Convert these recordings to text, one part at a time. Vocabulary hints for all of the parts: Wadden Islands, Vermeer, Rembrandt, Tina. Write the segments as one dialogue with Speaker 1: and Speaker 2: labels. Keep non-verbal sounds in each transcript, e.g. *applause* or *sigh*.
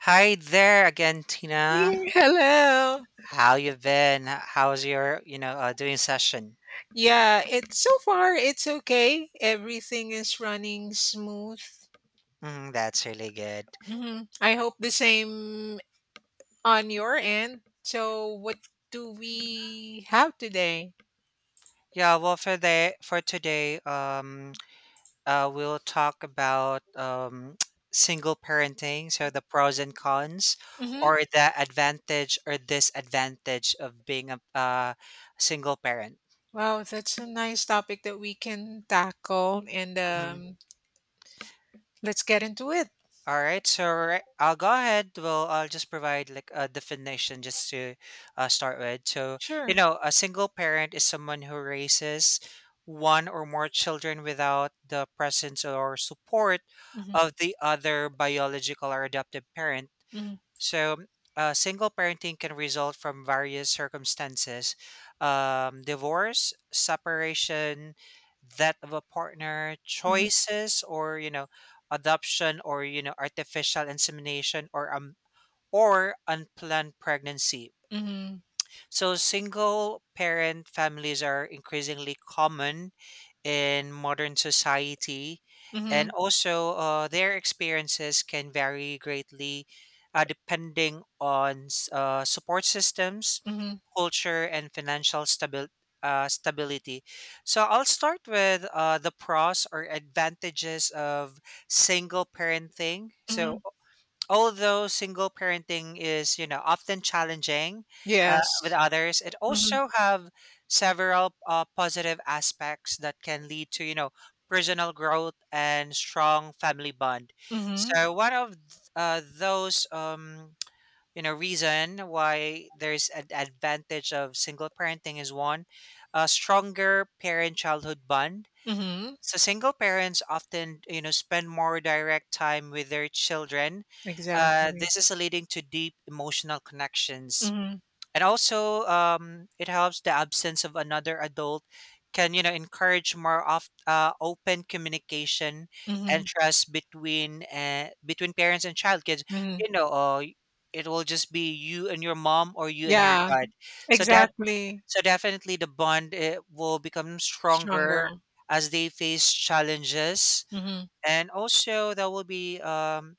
Speaker 1: Hi there again, Tina.
Speaker 2: *laughs* Hello.
Speaker 1: How you been? How's your, doing session?
Speaker 2: Yeah, it so far it's okay. Everything is running smooth.
Speaker 1: Mm, that's really good.
Speaker 2: Hmm. I hope the same on your end. So, what do we have today?
Speaker 1: Well, for today, we'll talk about *tsk* single parenting, so the pros and cons,
Speaker 2: Hmm.
Speaker 1: or the advantage or disadvantage of being a single parent.
Speaker 2: Wow, that's a nice topic that we can tackle, and
Speaker 1: Mm-hmm.
Speaker 2: let's get into it.
Speaker 1: All right, so right, I'll go ahead. Well, I'll just provide like a definition just to start with.
Speaker 2: Sure.
Speaker 1: A single parent is someone who raises one or more children without the presence or support
Speaker 2: Hmm.
Speaker 1: of the other biological or adoptive parent.
Speaker 2: Hmm.
Speaker 1: So, single parenting can result from various circumstances, divorce, separation, death of a partner,
Speaker 2: Hmm.
Speaker 1: choices, or, adoption or, artificial insemination, or, unplanned pregnancy.
Speaker 2: Hmm.
Speaker 1: So, single parent families are increasingly common in modern society. And
Speaker 2: Hmm.
Speaker 1: also, their experiences can vary greatly depending on support systems,
Speaker 2: Hmm.
Speaker 1: culture, and stability. So, I'll start with the pros or advantages of single parenting. So,
Speaker 2: Hmm.
Speaker 1: although single parenting is, you know, often challenging with
Speaker 2: Yes.
Speaker 1: others, it
Speaker 2: Hmm.
Speaker 1: also have several positive aspects that can lead to, you know, personal growth and strong family bond.
Speaker 2: Hmm.
Speaker 1: So one of those reason why there's an advantage of single parenting is one, a stronger parent-childhood bond,
Speaker 2: Hmm.
Speaker 1: so single parents often, you know, spend more direct time with their children. Uh,
Speaker 2: Exactly.
Speaker 1: this is leading to deep emotional connections,
Speaker 2: Mm-hmm.
Speaker 1: and also it helps the absence of another adult can, you know, encourage more of open communication and
Speaker 2: Mm-hmm.
Speaker 1: trust between between parents and child. Kids, you
Speaker 2: Mm-hmm.
Speaker 1: know, it will just be you and your mom or you and your
Speaker 2: Yeah,
Speaker 1: dad. So that
Speaker 2: exactly.
Speaker 1: so definitely the bond, eh, will become stronger
Speaker 2: Stronger.
Speaker 1: as they face challenges,
Speaker 2: Mhm.
Speaker 1: and also there will be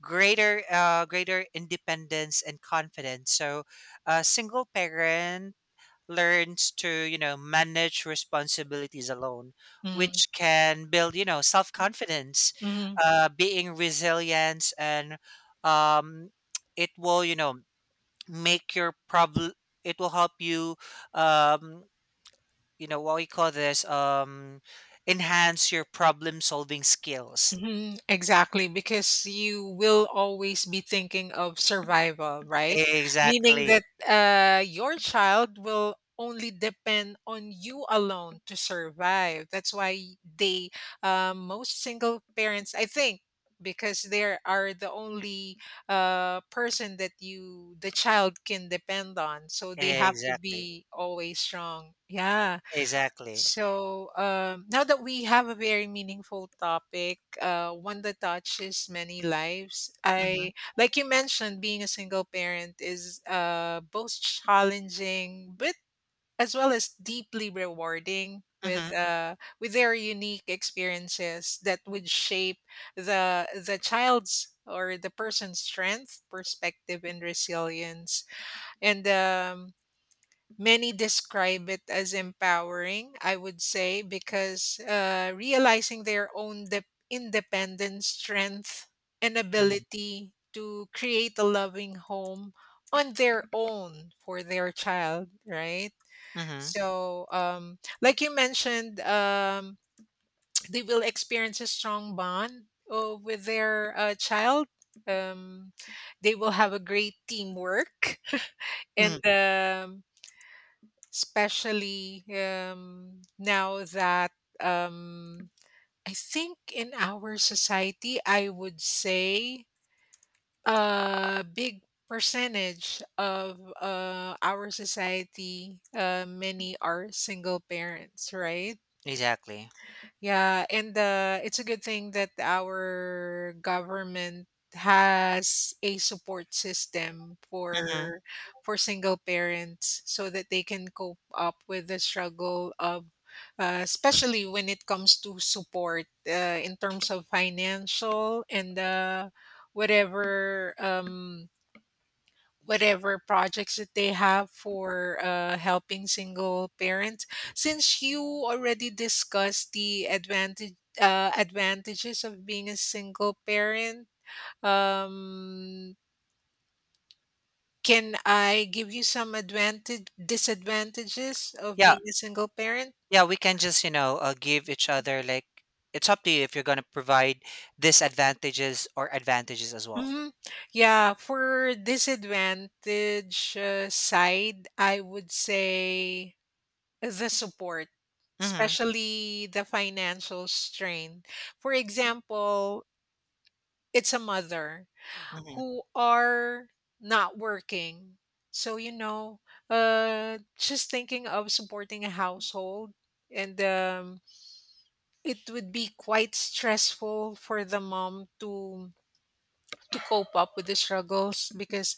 Speaker 1: greater greater independence and confidence. So a single parent learns to, you know, manage responsibilities alone,
Speaker 2: Mhm.
Speaker 1: which can build, you know, self-confidence,
Speaker 2: Mhm.
Speaker 1: being resilience, and um, it will, you know, make your problem, it will help you, um, you know what we call this enhance your problem solving skills.
Speaker 2: Mhm. Exactly, because you will always be thinking of survival, right? Meaning
Speaker 1: Exactly.
Speaker 2: that your child will only depend on you alone to survive. That's why they, most single parents, I think, because they are the only person that you, the child can depend on. So they have to
Speaker 1: Exactly.
Speaker 2: be always strong. Yeah.
Speaker 1: Exactly.
Speaker 2: So, now that we have a very meaningful topic, one that touches many lives,
Speaker 1: Mm-hmm.
Speaker 2: I, like you mentioned, being a single parent is both challenging, but as well as deeply rewarding
Speaker 1: Mm-hmm.
Speaker 2: with their unique experiences that would shape the child's or the person's strength, perspective, and resilience. And many describe it as empowering, I would say, because realizing their own independence, strength, and
Speaker 1: Mm-hmm.
Speaker 2: ability to create a loving home on their own for their child, right?
Speaker 1: Hmm.
Speaker 2: So, like you mentioned, *tsk* they will experience a strong bond with their child. Um, they will have a great teamwork *laughs* and
Speaker 1: Mm.
Speaker 2: especially now that um, I think in our society, I would say a big percentage of our society, many are single parents, right?
Speaker 1: Exactly.
Speaker 2: Yeah, and it's a good thing that our government has a support system
Speaker 1: Mm-hmm.
Speaker 2: for single parents so that they can cope up with the struggle of especially when it comes to support in terms of financial and whatever whatever projects that they have for helping single parents. Since you already discussed the advantage advantages of being a single parent, um, can I give you some advantage disadvantages of
Speaker 1: Yeah,
Speaker 2: being a single parent?
Speaker 1: yeah, we can just, you know, give each other like, it's up to you if you're going to provide disadvantages or advantages as well.
Speaker 2: Hmm. Yeah, for disadvantage side, I would say the support,
Speaker 1: Mm-hmm.
Speaker 2: especially the financial strain. For example, it's a mother
Speaker 1: Mm-hmm.
Speaker 2: who are not working. So, you know, just thinking of supporting a household and it would be quite stressful for the mom to cope up with the struggles because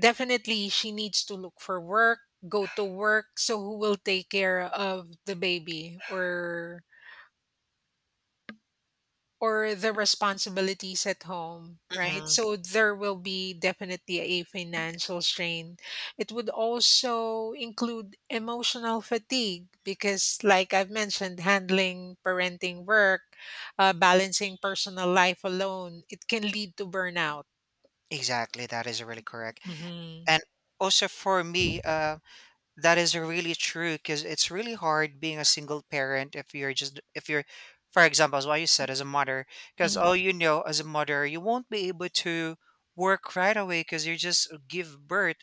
Speaker 2: definitely she needs to look for work go to work so who will take care of the baby or the responsibilities at home, right?
Speaker 1: Mm-hmm.
Speaker 2: So there will be definitely a financial strain. It would also include emotional fatigue because, like I've mentioned, handling parenting work, balancing personal life alone, it can lead to burnout.
Speaker 1: Exactly, that is really correct.
Speaker 2: Mm-hmm.
Speaker 1: And also for me, uh, that is really true because it's really hard being a single parent if you're just if you're, for example, as what you said, as a mother, because
Speaker 2: Hmm.
Speaker 1: all you know, as a mother, you won't be able to work right away because you just give birth,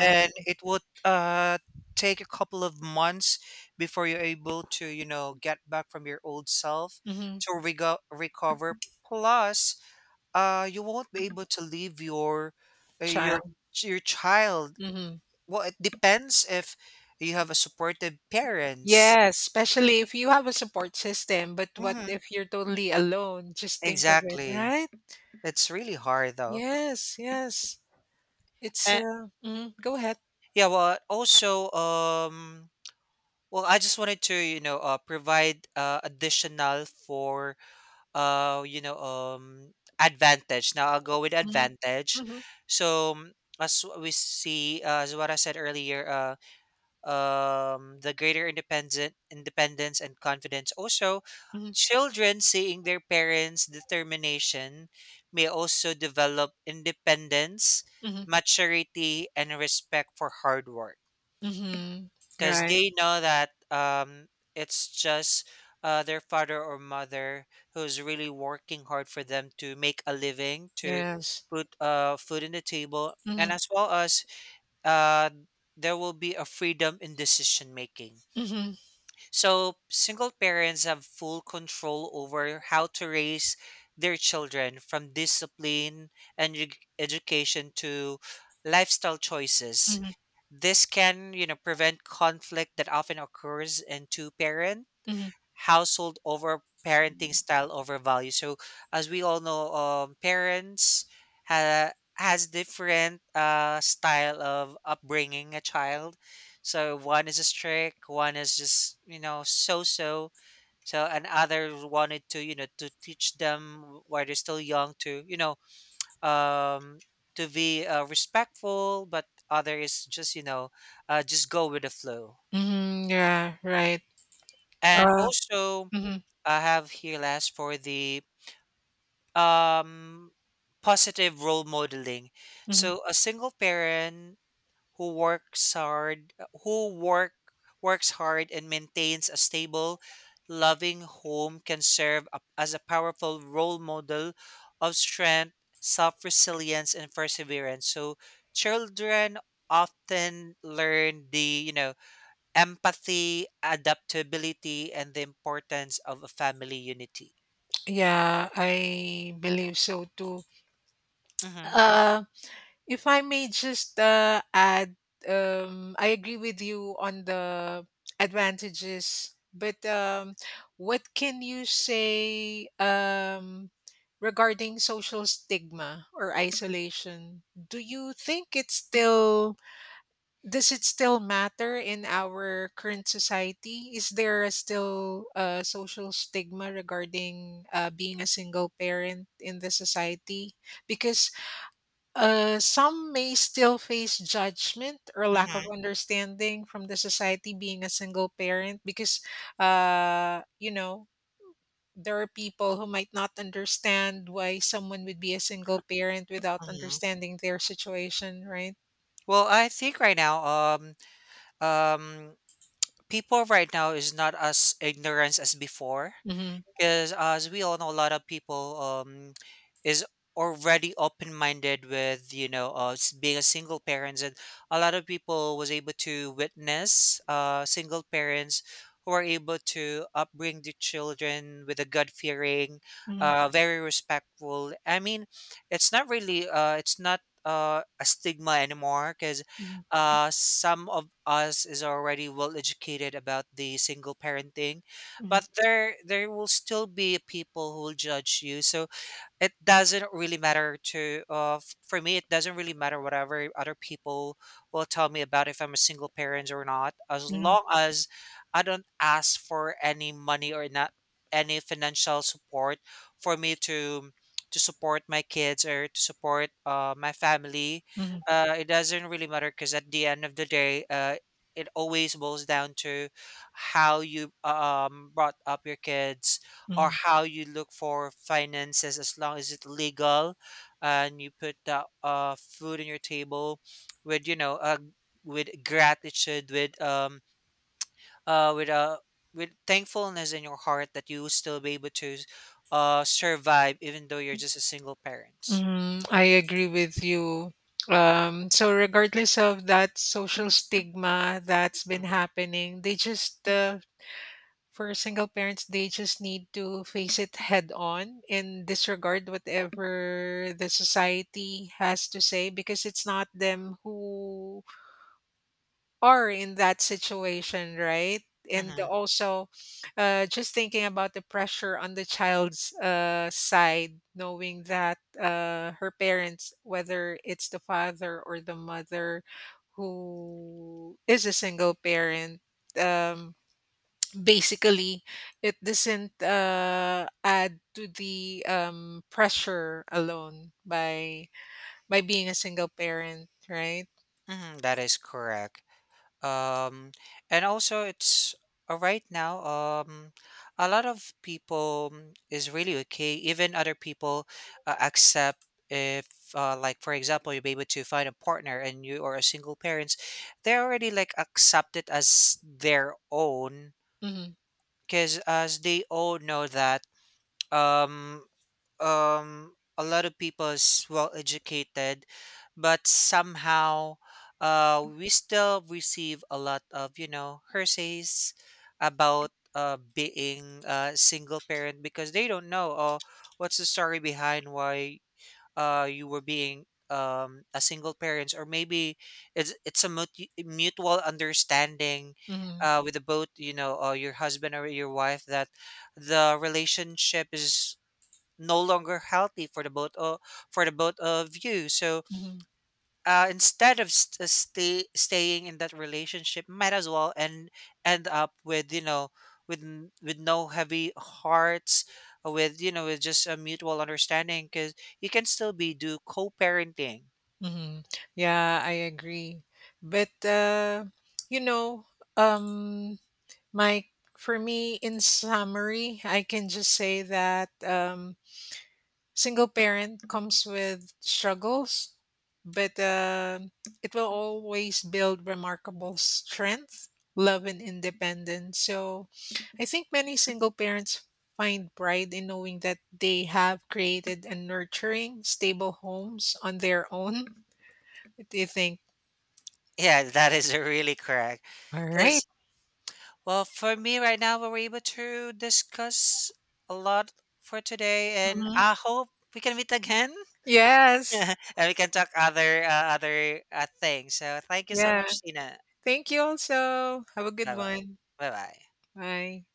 Speaker 1: and it would take a couple of months before you're able to, you know, get back from your old self
Speaker 2: Hmm.
Speaker 1: to recover. Plus, you won't be able to leave your uh, your
Speaker 2: Child.
Speaker 1: your child.
Speaker 2: Hmm.
Speaker 1: Well, it depends if you have a supportive parents.
Speaker 2: Yes, especially if you have a support system, but what
Speaker 1: Mhm,
Speaker 2: if you're totally alone? Just think of it,
Speaker 1: exactly.
Speaker 2: right?
Speaker 1: It's really hard though.
Speaker 2: Yes, yes. It's,
Speaker 1: And
Speaker 2: mhm, go ahead.
Speaker 1: yeah, well, also, well, I just wanted to, you know, provide additional for, uh, you know, um, advantage. Now I'll go with
Speaker 2: Mhm.
Speaker 1: advantage.
Speaker 2: Mhm.
Speaker 1: So as we see, as what I said earlier, uh, the greater independent independence and confidence. Also,
Speaker 2: Mhm.
Speaker 1: children seeing their parents' determination may also develop independence,
Speaker 2: Mhm.
Speaker 1: maturity, and respect for hard work,
Speaker 2: Mhm.
Speaker 1: because
Speaker 2: Right.
Speaker 1: they know that, it's just their father or mother who's really working hard for them to make a living, to
Speaker 2: Yes.
Speaker 1: put, food on the table, and
Speaker 2: Mhm.
Speaker 1: as well as, uh, there will be a freedom in decision making.
Speaker 2: Mhm.
Speaker 1: So, single parents have full control over how to raise their children, from discipline and education to lifestyle choices.
Speaker 2: Mhm.
Speaker 1: This can, you know, prevent conflict that often occurs in two parents
Speaker 2: Mhm.
Speaker 1: household over parenting style, over value. So as we all know, parents has different, style of upbringing a child. So one is a strict, one is just, you know, so so. So and others wanted to, you know, to teach them while they're still young to, you know, um, to be, respectful, but other is just, you know, just go with the flow.
Speaker 2: Mhm. Yeah, right.
Speaker 1: And
Speaker 2: Uh,
Speaker 1: also,
Speaker 2: mhm,
Speaker 1: I have here last for the, um positive role modeling.
Speaker 2: mhm.
Speaker 1: So a single parent who works hard, who works hard and maintains a stable, loving home can serve as a powerful role model of strength, self-resilience, and perseverance. So children often learn the, you know, empathy, adaptability, and the importance of a family unity.
Speaker 2: Yeah, I believe so too.
Speaker 1: Mm-hmm.
Speaker 2: Uh, if I may just add, I agree with you on the advantages, but what can you say regarding social stigma or isolation? Do you think it's still does it still matter in our current society? Is there a still a social stigma regarding being a single parent in the society? Because some may still face judgment or lack of understanding from the society being a single parent because, you know, there are people who might not understand why someone would be a single parent without
Speaker 1: Mm-hmm.
Speaker 2: understanding their situation, right?
Speaker 1: Well, I think right now, um, people right now is not as ignorant as before,
Speaker 2: Mm-hmm.
Speaker 1: because as we all know, a lot of people, um, is already open-minded with, you know, being a single parents, and a lot of people was able to witness, uh, single parents who are able to upbring the children with a god fearing,
Speaker 2: Mm-hmm.
Speaker 1: uh, very respectful, I mean, it's not really, uh, it's not, a stigma anymore, because,
Speaker 2: Mm-hmm.
Speaker 1: some of us is already well educated about the single parenting. But there will still be people who will judge you. So it doesn't really matter to, for me, it doesn't really matter whatever other people will tell me about if I'm a single parent or not, as long
Speaker 2: Mm-hmm.
Speaker 1: as I don't ask for any money or not any financial support for me to support my kids or to support, my family.
Speaker 2: Mm-hmm.
Speaker 1: Uh, it doesn't really matter, because at the end of the day, it always boils down to how you, brought up your kids, or how you look for finances, as long as it's legal and you put the, food on your table with, you know, with gratitude, with, uh with uh with thankfulness in your heart, that you will still be able to, uh, survive, even though you're just a single parent.
Speaker 2: Mm, I agree with you. So regardless of that social stigma that's
Speaker 1: Mhm.
Speaker 2: been happening, they just for single parents, they just need to face it head on and disregard whatever the society has to say because it's not them who are in that situation, right? And
Speaker 1: Mm-hmm.
Speaker 2: also, just thinking about the pressure on the child's side, knowing that her parents, whether it's the father or the mother who is a single parent, um, basically, it doesn't add to the pressure alone by being a single parent, right?
Speaker 1: Mm-hmm. That is correct. Um, and also it's, right now, um, a lot of people, mm, is really okay, even other people, accept if, like, for example, you'll be able to find a partner and you are a single parents, they already like accepted as their own.
Speaker 2: Mm-hmm.
Speaker 1: Because as they all know that, um um, a lot of people is well educated, but somehow, uh, we still receive a lot of, you know, hersays about, uh, being a single parent, because they don't know, oh, what's the story behind why, uh, you were being, um, a single parent. Or maybe it's a mutual understanding,
Speaker 2: Mm-hmm.
Speaker 1: uh, with the both, you know, your husband or your wife, that the relationship is no longer healthy for the both of, for the both of you. So,
Speaker 2: Mm-hmm.
Speaker 1: instead of staying in that relationship, might as well end, end up with, you know, with no heavy hearts, with, you know, with just a mutual understanding, because you can still be do co-parenting.
Speaker 2: Mm-hmm. Yeah, I agree. But you know, um, my for me, in summary, I can just say that single parent comes with struggles, but it will always build remarkable strength, love, and independence. So I think many single parents find pride in knowing that they have created and nurturing stable homes on their own. What do you think?
Speaker 1: Yeah, *laughs* that is really correct.
Speaker 2: All right.
Speaker 1: Because, well, for me right now, we were able to discuss a lot for today, and
Speaker 2: Mm-hmm.
Speaker 1: I hope we can meet again. *laughs*
Speaker 2: Yes.
Speaker 1: And we can talk other, other, things. So thank you so
Speaker 2: Yeah.
Speaker 1: much, Tina.
Speaker 2: Thank you also. Have a good
Speaker 1: Bye bye.
Speaker 2: one.
Speaker 1: Bye.
Speaker 2: Bye.